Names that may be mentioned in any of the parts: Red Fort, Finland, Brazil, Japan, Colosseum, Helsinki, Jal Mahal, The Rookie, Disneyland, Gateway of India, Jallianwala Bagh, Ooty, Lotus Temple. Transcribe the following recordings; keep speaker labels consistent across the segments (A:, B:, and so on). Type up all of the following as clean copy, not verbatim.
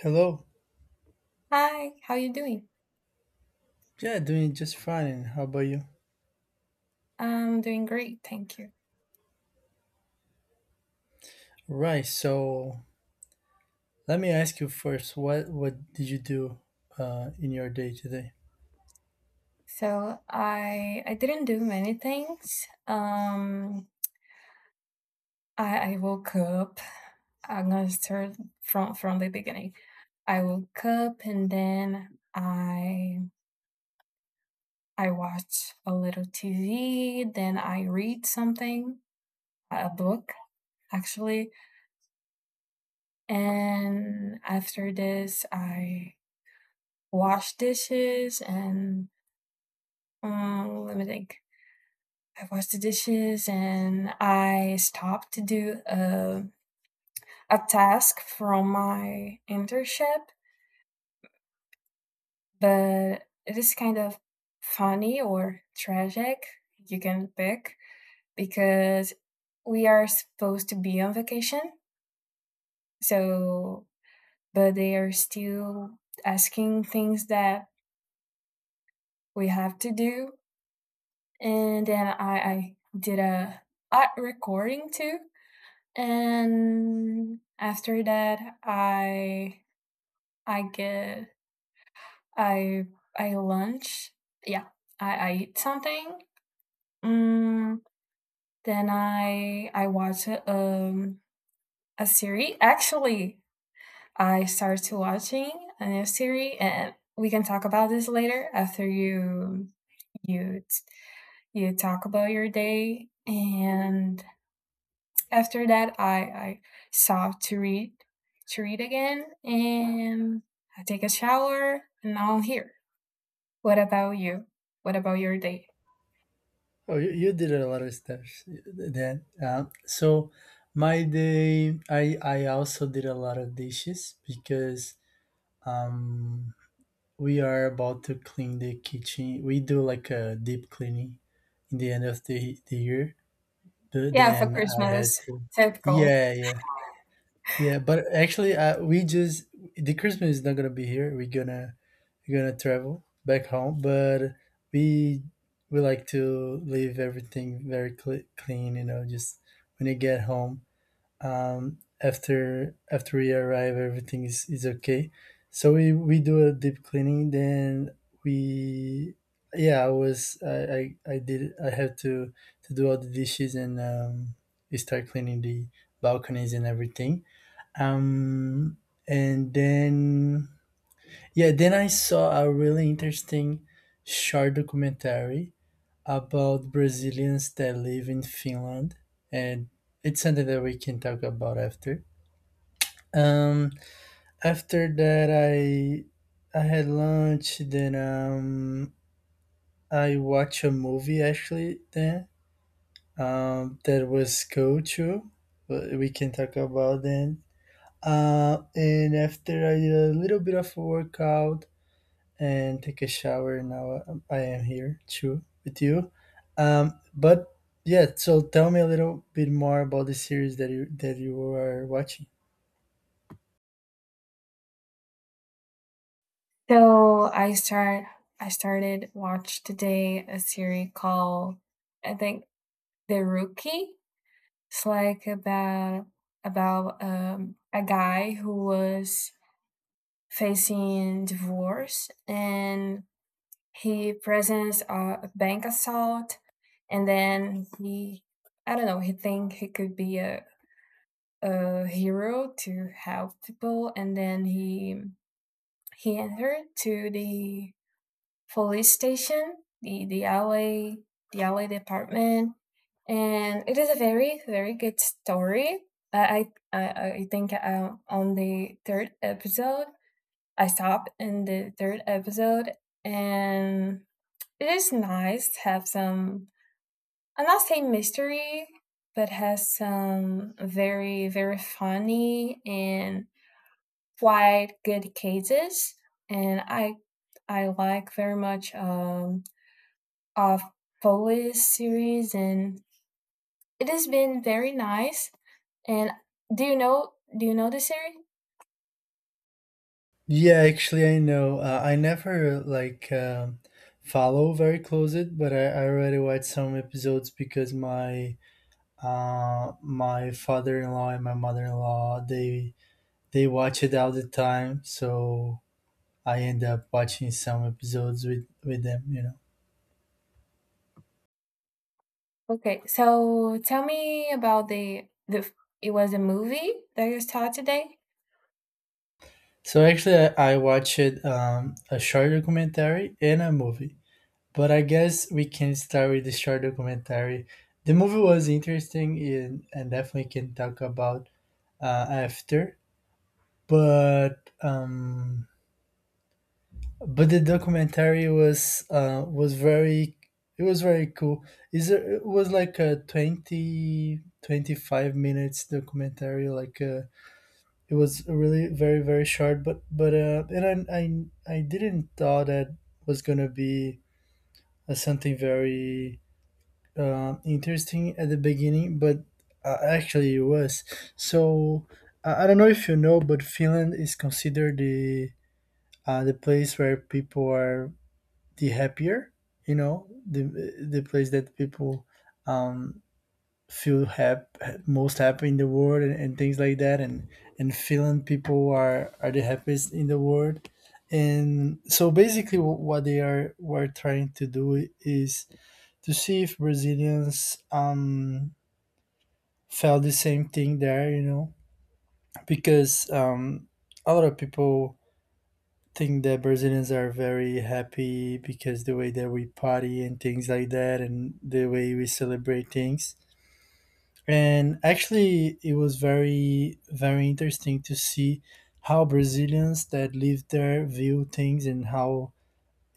A: Hello.
B: Hi, how you doing?
A: Yeah, doing just fine. And how about you?
B: I'm doing great, thank you.
A: Right. So let me ask you first. What did you do in your day today?
B: So I didn't do many things. I woke up. I'm gonna start from the beginning. I woke up and then I watched a little TV. Then I read something, a book actually. And after this, I wash dishes and let me think. I washed the dishes and I stopped to do a task from my internship, but it is kind of funny or tragic, you can pick, because we are supposed to be on vacation. So, but they are still asking things that we have to do. And then I did a art recording too, and after that i i get I I lunch yeah, I eat something, mm, then I watch a series actually. I started to watching a new series, and we can talk about this later after you t- you talk about your day. And after that I stopped to read again. And I take a shower and now I'm here. What about you? What about your day?
A: Oh, you did a lot of stuff then. So my day, I also did a lot of dishes because um we are about to clean the kitchen. We do like a deep cleaning in the end of the year. But
B: Yeah,
A: then
B: for
A: I had
B: Christmas,
A: to.
B: typical.
A: Yeah, yeah. Yeah, but actually, we just the Christmas is not gonna be here. We're gonna travel back home, but we we like to leave everything very clean. You know, just when you get home, after we arrive, everything is okay. So we do a deep cleaning. Then we yeah, I was I did I had to do all the dishes and we start cleaning the balconies and everything. um and then yeah, then I saw a really interesting short documentary about Brazilians that live in Finland, and it's something that we can talk about after. um After that, I had lunch. Then I watched a movie, actually. Then that was cool too, but we can talk about then. And after, I did a little bit of a workout and take a shower, now I am here too with you. But yeah, so tell me a little bit more about the series that you are watching.
B: So I started watch today a series called, I think, The Rookie. It's like about a guy who was facing divorce. And he presents a bank assault, and then he, I don't know, he think he could be a hero to help people, and then he entered to the police station, the alley, the alley department, and it is a very very good story. I think, on the third episode, I stopped in the third episode. And it is nice to have some, I'm not say mystery, but has some very, very funny and quite good cases. And I like very much, of police series, and it has been very nice. And do you know the series?
A: Yeah, actually, I know. I never like follow very close it, but I already watched some episodes because my father in law and my mother in law they watch it all the time. So I end up watching some episodes with them, you know.
B: Okay, so tell me about the it was a movie that you saw today.
A: So actually, I watched a short documentary and a movie, but I guess we can start with the short documentary. The movie was interesting, and definitely can talk about after. But um, but the documentary was very it was very cool. Is It was like a 20-25 minutes documentary, like a it was really very very short. But but uh and I didn't thought that was gonna be something very interesting at the beginning, but actually it was. So I don't know if you know, but Finland is considered the place where people are the happier, you know, the place that people um feel hap- most happy in the world, and things like that. And feeling people are the happiest in the world, and so basically what they are were trying to do is to see if Brazilians felt the same thing there, you know, because a lot of people think that Brazilians are very happy because the way that we party and things like that, and the way we celebrate things. And actually, it was very, very interesting to see how Brazilians that live there view things, and how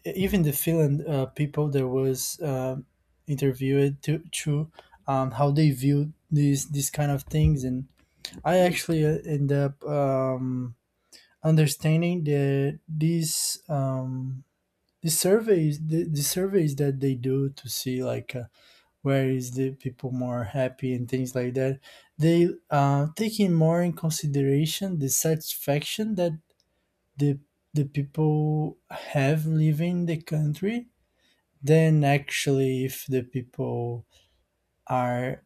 A: even the Finland people that was interviewed to how they view these kind of things. And I actually end up understanding that the surveys that they do to see, like, where is the people more happy and things like that, they taking more in consideration the satisfaction that the the people have living the country than actually if the people are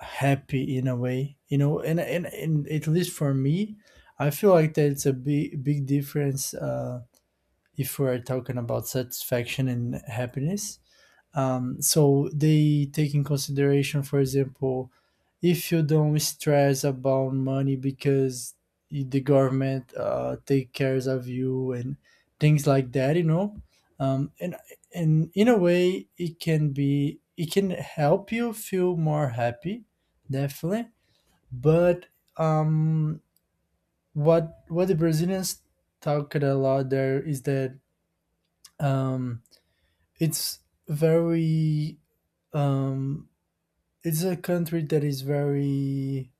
A: happy in a way, you know. And at least for me, I feel like that's a big, big difference, if we're talking about satisfaction and happiness. So they take in consideration, for example, if you don't stress about money because the government take cares of you and things like that, you know. Um, and and in a way, it can help you feel more happy, definitely. But um, what the Brazilians talk a lot there is that, um, it's very um, it's a country that is very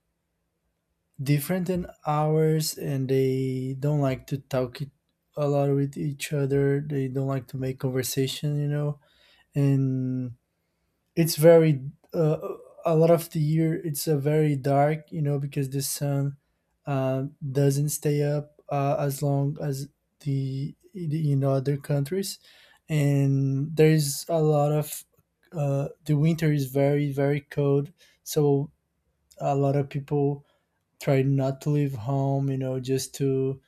A: different than ours, and they don't like to talk it a lot with each other. They don't like to make conversation, you know, and it's very a lot of the year it's a very dark, you know, because the sun uh, doesn't stay up as long as the in other countries. And there's a lot of The winter is very very cold, so a lot of people try not to leave home, you know, just to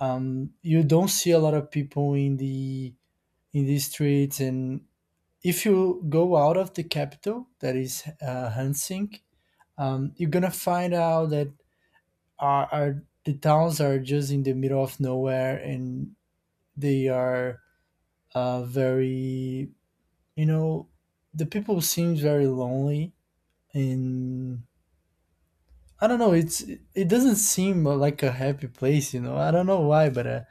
A: you don't see a lot of people in the streets. And if you go out of the capital, that is Helsinki, you're gonna find out that are the towns are just in the middle of nowhere, and they are very you know, the people seems very lonely. And I don't know. It doesn't seem like a happy place, you know. I don't know why, but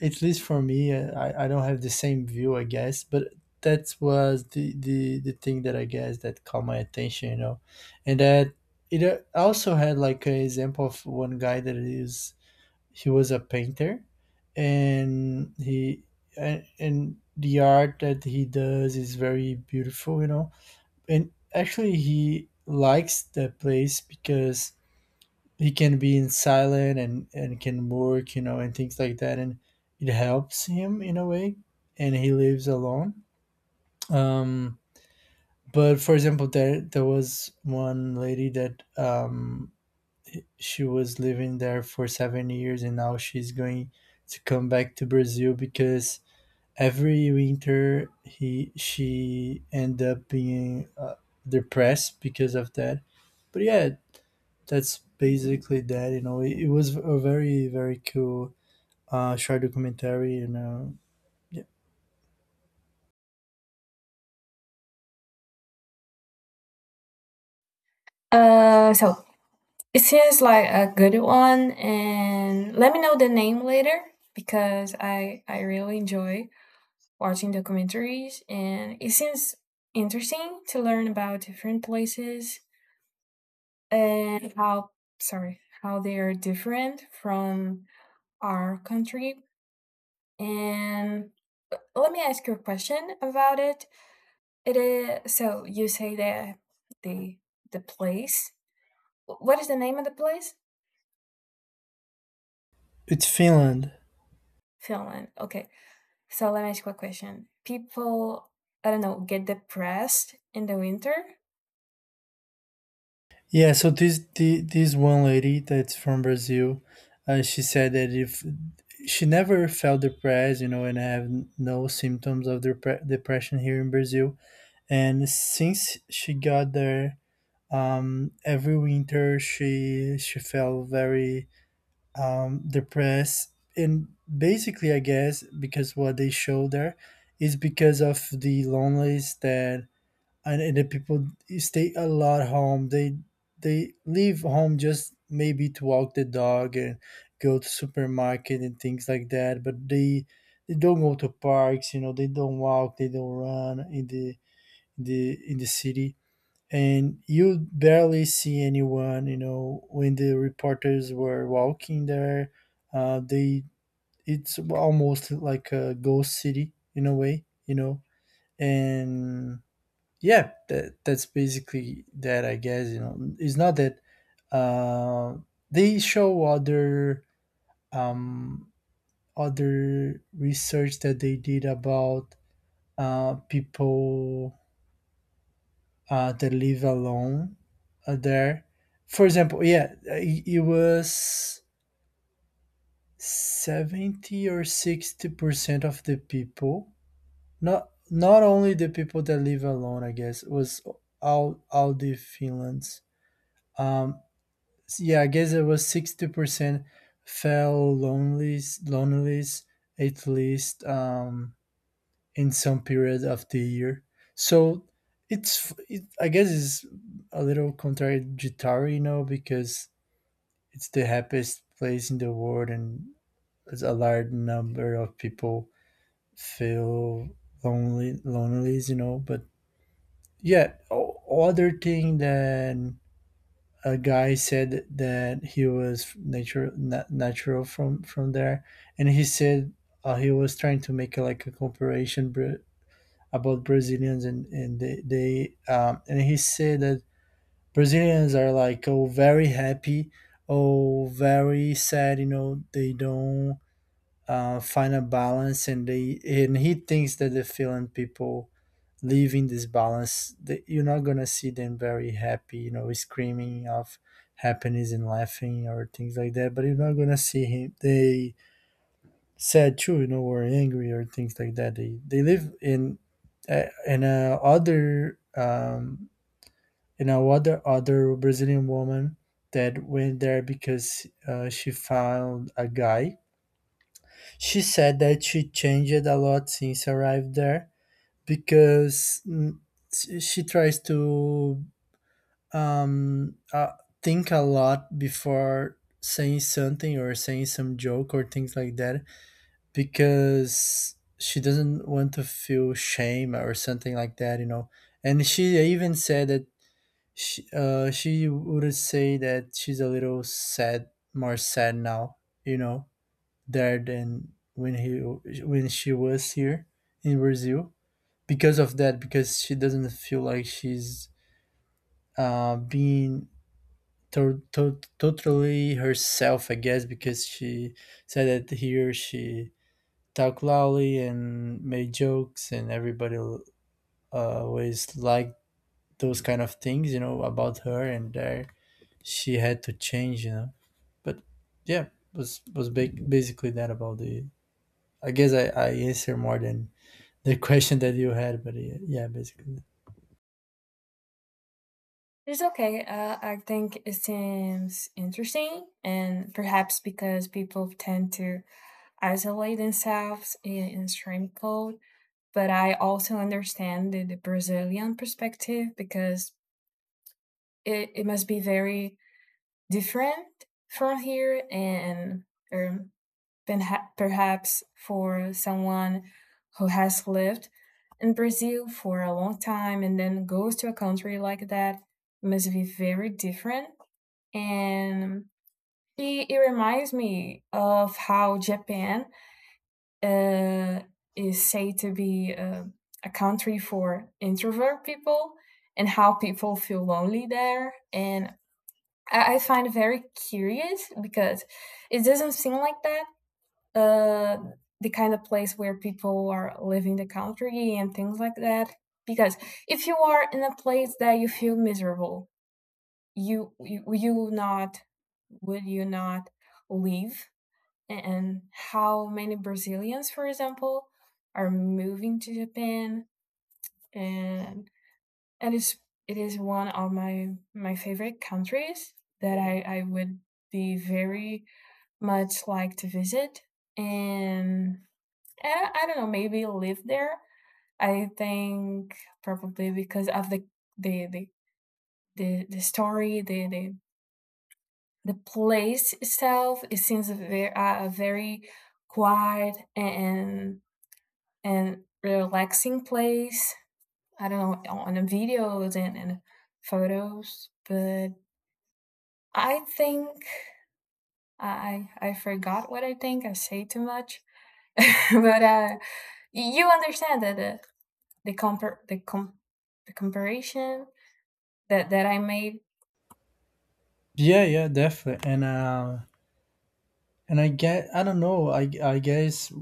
A: at least for me, I don't have the same view, I guess. But that was the thing that I guess that caught my attention, you know, and that it also had like an example of one guy that is he was a painter, and the art that he does is very beautiful, you know, and actually he likes that place because he can be in silent and can work, you know, and things like that, and it helps him in a way, and he lives alone. um but for example, there was one lady that, she was living there for 7 years, and now she's going to come back to Brazil because every winter he she end up being depressed because of that. But yeah, that's basically that. You know, it was a very very cool short documentary. You know. Yeah.
B: So it seems like a good one, and let me know the name later, because I really enjoy watching documentaries, and it seems interesting to learn about different places, and how sorry how they are different from our country. And let me ask you a question about it. It is, so you say that the the place. What is the name of the place?
A: It's Finland.
B: Finland. Okay. So let me ask you a question. People, I don't know, get depressed in the winter.
A: Yeah. So this one lady that's from Brazil, she said that if she never felt depressed, you know, and have no symptoms of depression here in Brazil, and since she got there, every winter she felt very the press. And basically I guess because what they show there is because of the loneliness, that and the people stay a lot home, they leave home just maybe to walk the dog and go to supermarket and things like that, but they don't go to parks, you know, they don't walk, they don't run in the in the in the city. And you barely see anyone, you know, when the reporters were walking there. They It's almost like a ghost city in a way, you know. And yeah, that's basically that, I guess. You know, it's not that uh, they show other um, other research that they did about people that live alone there. For example, yeah, it was 70 or 60% of the people, not only the people that live alone, I guess, was all the Finlands. Um, yeah, I guess it was 60% fell lonelies, at least in some period of the year. So I guess it's a little contradictory, you know, because it's the happiest place in the world, and there's a large number of people feel lonely, you know. But yeah, other thing that a guy said, that he was natural from there, and he said he was trying to make like a comparison about Brazilians, and they and he said that Brazilians are like, oh, very happy, oh, very sad. You know they don't find a balance, and he thinks that the Finland people live in this balance. That you're not gonna see them very happy, you know, screaming of happiness and laughing or things like that. But you're not gonna see him they sad too, you know, or angry or things like that. They live in a other Other Brazilian woman that went there because she found a guy. She said that she changed a lot since arrived there because she tries to um uh, think a lot before saying something or saying some joke or things like that because she doesn't want to feel shame or something like that, you know. And she even said that she would say that she's a little sad, more sad now, you know, there than when she was here in Brazil because of that, because she doesn't feel like she's being totally herself, I guess, because she said that here she talk loudly and made jokes and everybody always liked those kind of things, you know, about her, and there she had to change, you know. But yeah, basically that about the— I guess I answer more than the question that you had, but yeah, yeah, basically.
B: It's okay. I think it seems interesting, and perhaps because people tend to isolate themselves in extreme cold. But I also understand the Brazilian perspective, because it must be very different from here, and um, perhaps for someone who has lived in Brazil for a long time and then goes to a country like that, must be very different. And it reminds me of how Japan uh, is said to be a country for introvert people, and how people feel lonely there. And I find it very curious, because it doesn't seem like that uh, the kind of place where people are leaving the country and things like that. Because if you are in a place that you feel miserable, you not would you not leave? And how many Brazilians, for example, are moving to Japan? And and it is one of my favorite countries that I would be very much like to visit, and I don't know, maybe live there. I think probably because of the the the story, the place itself. It seems a very quiet and relaxing place. I don't know, on the videos and photos, but I think I forgot what I think. I say too much, but you understand that. The compar the com the comparison that I made.
A: Yeah, yeah, definitely. And I get, I don't know, I guess,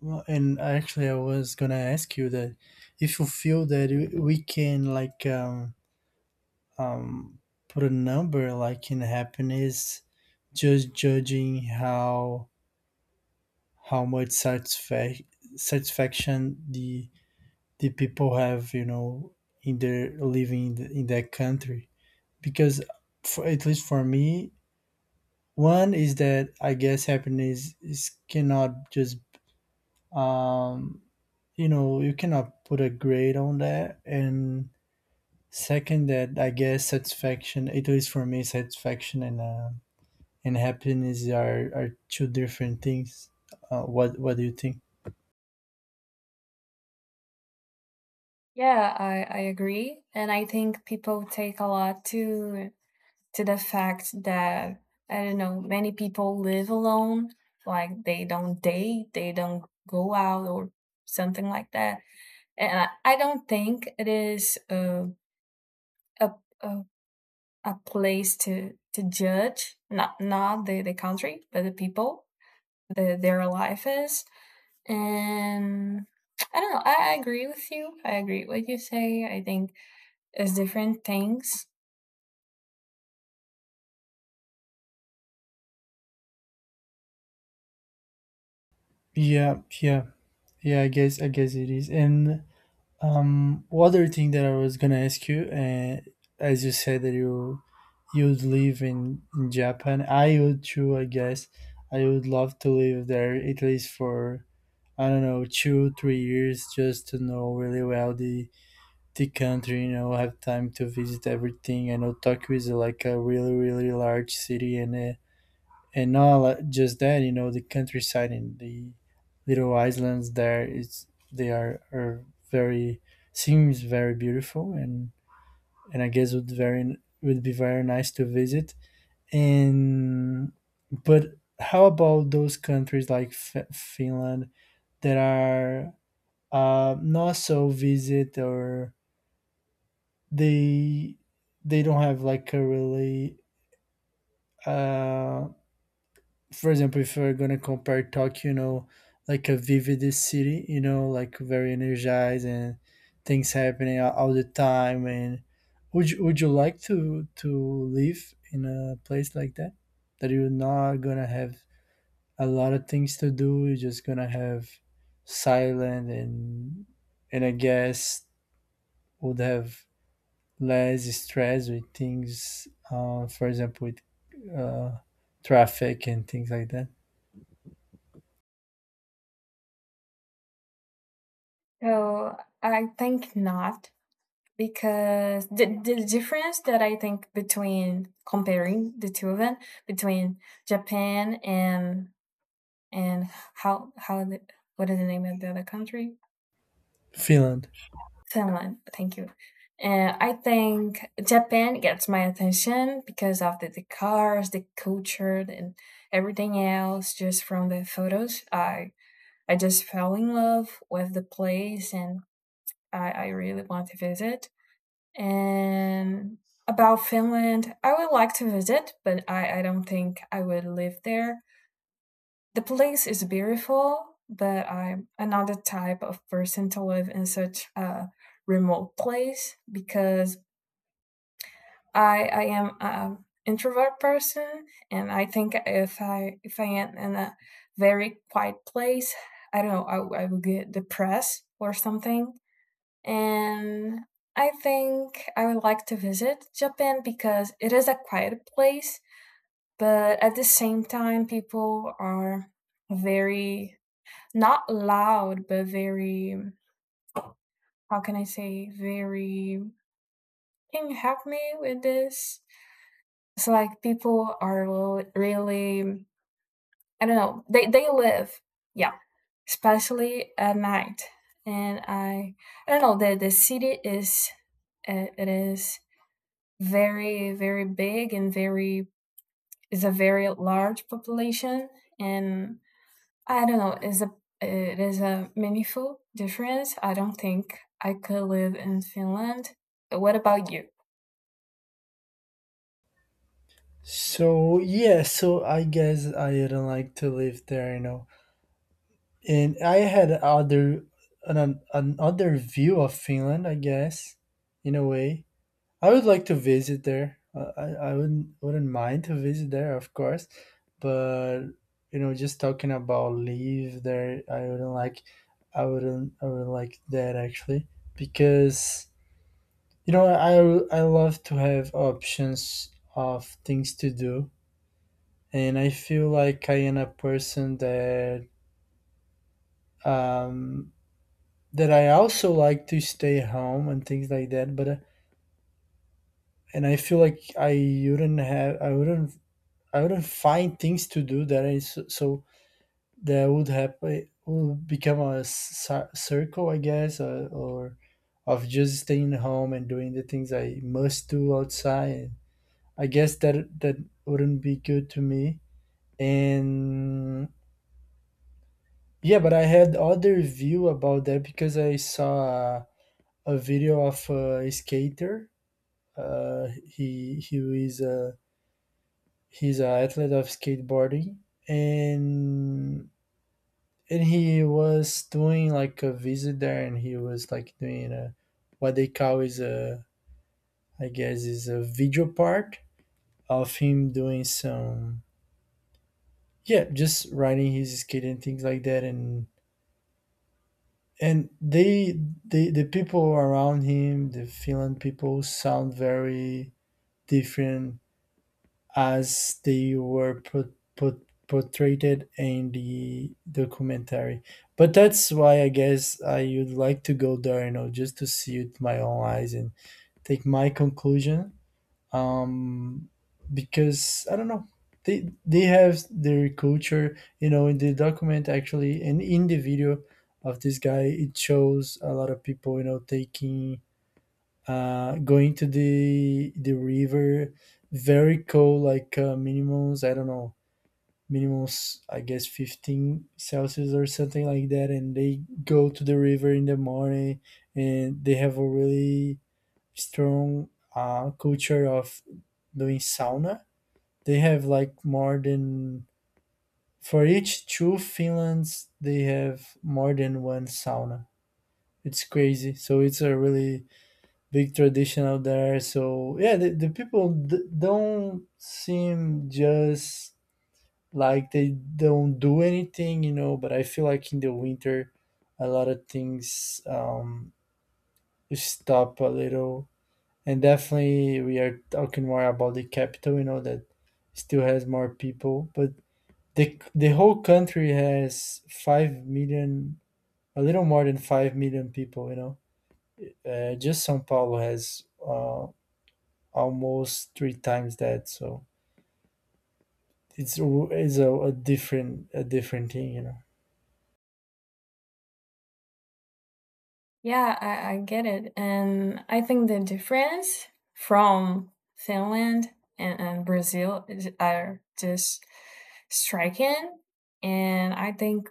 A: well, and actually I was gonna ask you that, if you feel that we can, like, um, put a number like in happiness, just judging how much satisfaction the people have, you know, in their living in— the, in that country. Because for— at least for me, one is that I guess happiness is cannot just um, you know, you cannot put a grade on that, and second, that I guess satisfaction— at least for me, satisfaction and happiness are two different things. What do you think?
B: Yeah, I agree, and I think people take a lot to the fact that I don't know, many people live alone, like they don't date, they don't go out or something like that. And I don't think it is a a a place to judge, not the country but the people, their life is. And I don't know. I agree with you. I agree with what you say. I think it's different things.
A: Yeah, yeah, yeah. I guess it is. And one other thing that I was gonna ask you, as you said that you'd live in Japan, I would too. I guess I would love to live there, at least for, I don't know, 2 3 years, just to know really well the country. You know, have time to visit everything. I know Tokyo is like a really really large city. And and not li- just that, you know, the countryside and the little islands there is, they are very— seems very beautiful, and I guess would very— would be very nice to visit. And but how about those countries like Finland that are not so visit, or they they don't have like a really uh, for example, if we're gonna compare Tokyo, you know, like a vivid city, you know, like very energized and things happening all the time. And would you like to live in a place like that, that you're not gonna have a lot of things to do? You're just gonna have silent. And I guess would have less stress with things. For example, with traffic and things like that.
B: So I think not, because the difference that I think between comparing the two of them, between Japan and how what is the name of the other country?
A: Finland.
B: Finland, thank you. I think Japan gets my attention because of the cars, the culture, and everything else. Just from the photos, I just fell in love with the place, and I really want to visit. And about Finland, I would like to visit, but I don't think I would live there. The place is beautiful, but I'm another type of person to live in such a remote place, because I am an introvert person, and I think if I am in a very quiet place, I don't know, I would get depressed or something. And I think I would like to visit Japan because it is a quiet place, but at the same time, people are very, not loud, but very, how can I say, very, can you help me with this? It's like people are really, I don't know, they live, yeah, especially at night. And I don't know, the city is, it is very, very big and very, is a very large population. And I don't know. It is a meaningful difference. I don't think I could live in Finland. What about you?
A: So yeah, so I guess I didn't like to live there, you know. And I had other— an another view of Finland, I guess, in a way. I would like to visit there. I wouldn't mind to visit there, of course, but you know, just talking about live there, I wouldn't like. I wouldn't like that, actually, because, you know, I love to have options of things to do, and I feel like I am a person that um, that I also like to stay home and things like that. But and I feel like I wouldn't have, I wouldn't find things to do that is so so— that would happen— would become a circle, I guess, or of just staying home and doing the things I must do outside. I guess that that wouldn't be good to me. And yeah, but I had other view about that because I saw a video of a skater. He is a— he's an athlete of skateboarding, and and he was doing like a visit there, and he was like doing a— what they call is a— I guess is a video part of him doing some— yeah, just riding his skate and things like that. And they— the people around him, the Finland people, sound very different as they were put portrayed in the documentary. But that's why I guess I would like to go there, you know, just to see it with my own eyes and take my conclusion. um, because I don't know. They have their culture, you know. In the document, actually, and in the video of this guy, it shows a lot of people, you know, taking— going to the river, very cold, like, minimums. I don't know, minimums, I guess, 15 celsius or something like that, and they go to the river in the morning. And they have a really strong culture of doing sauna. They have like more than— for each two Finlands, they have more than one sauna. It's crazy. So it's a really big tradition out there. So yeah, the people don't seem just like they don't do anything, you know. But I feel like in the winter, a lot of things stop a little. And definitely we are talking more about the capital, you know, that still has more people. But the whole country has 5 million— a little more than 5 million people, you know. Just São Paulo has almost three times that. So it's a different— a different thing, you know.
B: Yeah, I get it, and I think the difference from Finland and Brazil are just striking, and I think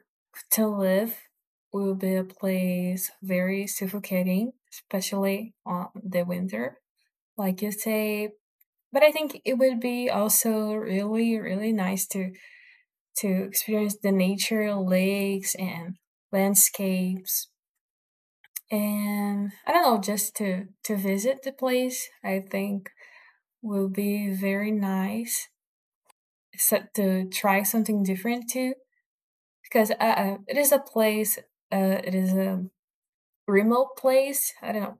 B: to live will be a place very suffocating, especially on the winter. Like you say. But I think it would be also really, really nice to experience the nature, lakes and landscapes. And I don't know, just to visit the place, I think will be very nice. Except to try something different too, because it is a place. It is a remote place. I don't know.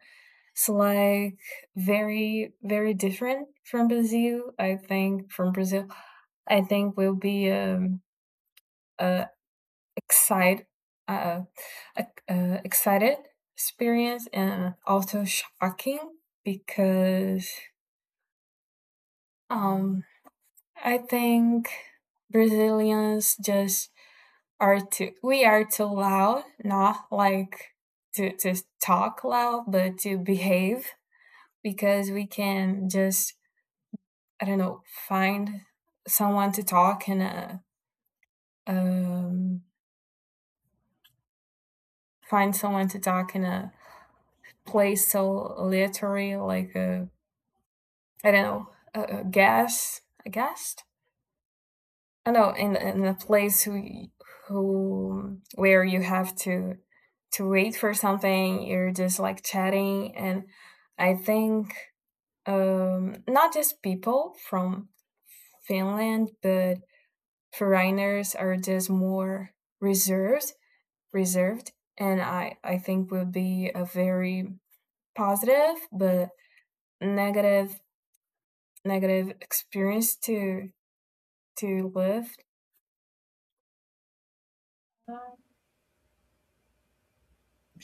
B: It's like very, very different from Brazil. I think from Brazil, I think will be uh, excite, uh, uh, excited experience and also shocking, because um, I think Brazilians just are too we are too loud, not like to talk loud, but to behave, because we can just, I don't know, find someone to talk in a um, find someone to talk in a play, so literary, like I don't know, a guest. I know in a place who where you have to wait for something, you're just like chatting. And I think not just people from Finland, but foreigners are just more reserved, and I think will be a very positive but negative negative experience to live.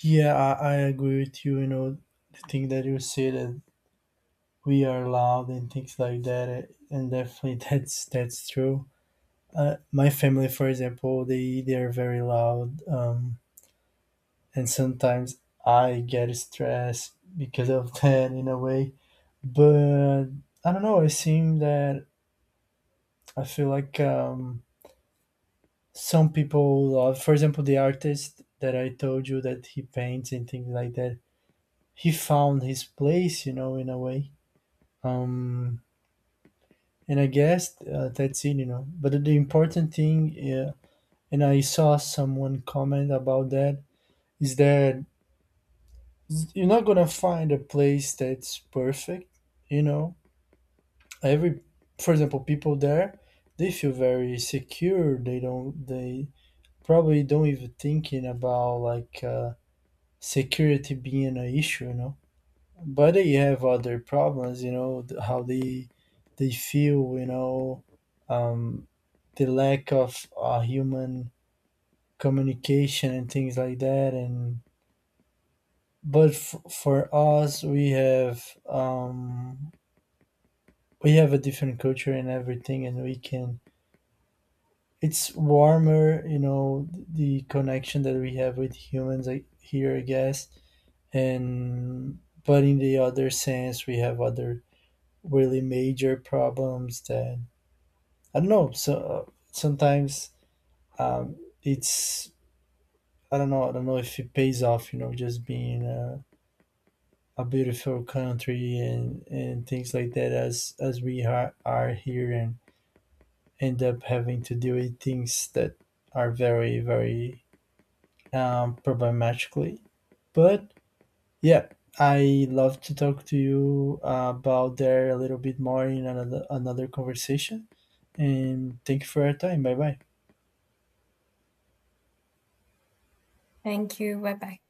A: Yeah, I agree with you, you know, the thing that you say that we are loud and things like that, eh, and definitely that's true. My family, for example, they are very loud, and sometimes I get stressed because of that, in a way. But I don't know. It seems that I feel like some people love, for example, the artist that I told you that he paints and things like that. He found his place, you know, in a way. Um, and I guess that's it, you know. But the important thing, yeah, and I saw someone comment about that, is that you're not gonna find a place that's perfect, you know. Every— for example, people there, they feel very secure. They don't— they probably don't even thinking about, like, security being an issue, you know. But they have other problems, you know, how they feel, you know. um the lack of human communication and things like that. And but for us, we have a different culture and everything, and we can— it's warmer, you know, the connection that we have with humans, like, here, I guess. And but in the other sense, we have other really major problems that I don't know. So sometimes um, it's— I don't know, I don't know if it pays off, you know, just being a— a beautiful country and things like that as we are here, and end up having to deal with things that are very, very problematically. But yeah, I love to talk to you about there a little bit more in another, another conversation. And thank you for your time. Bye bye.
B: Thank you. Bye bye.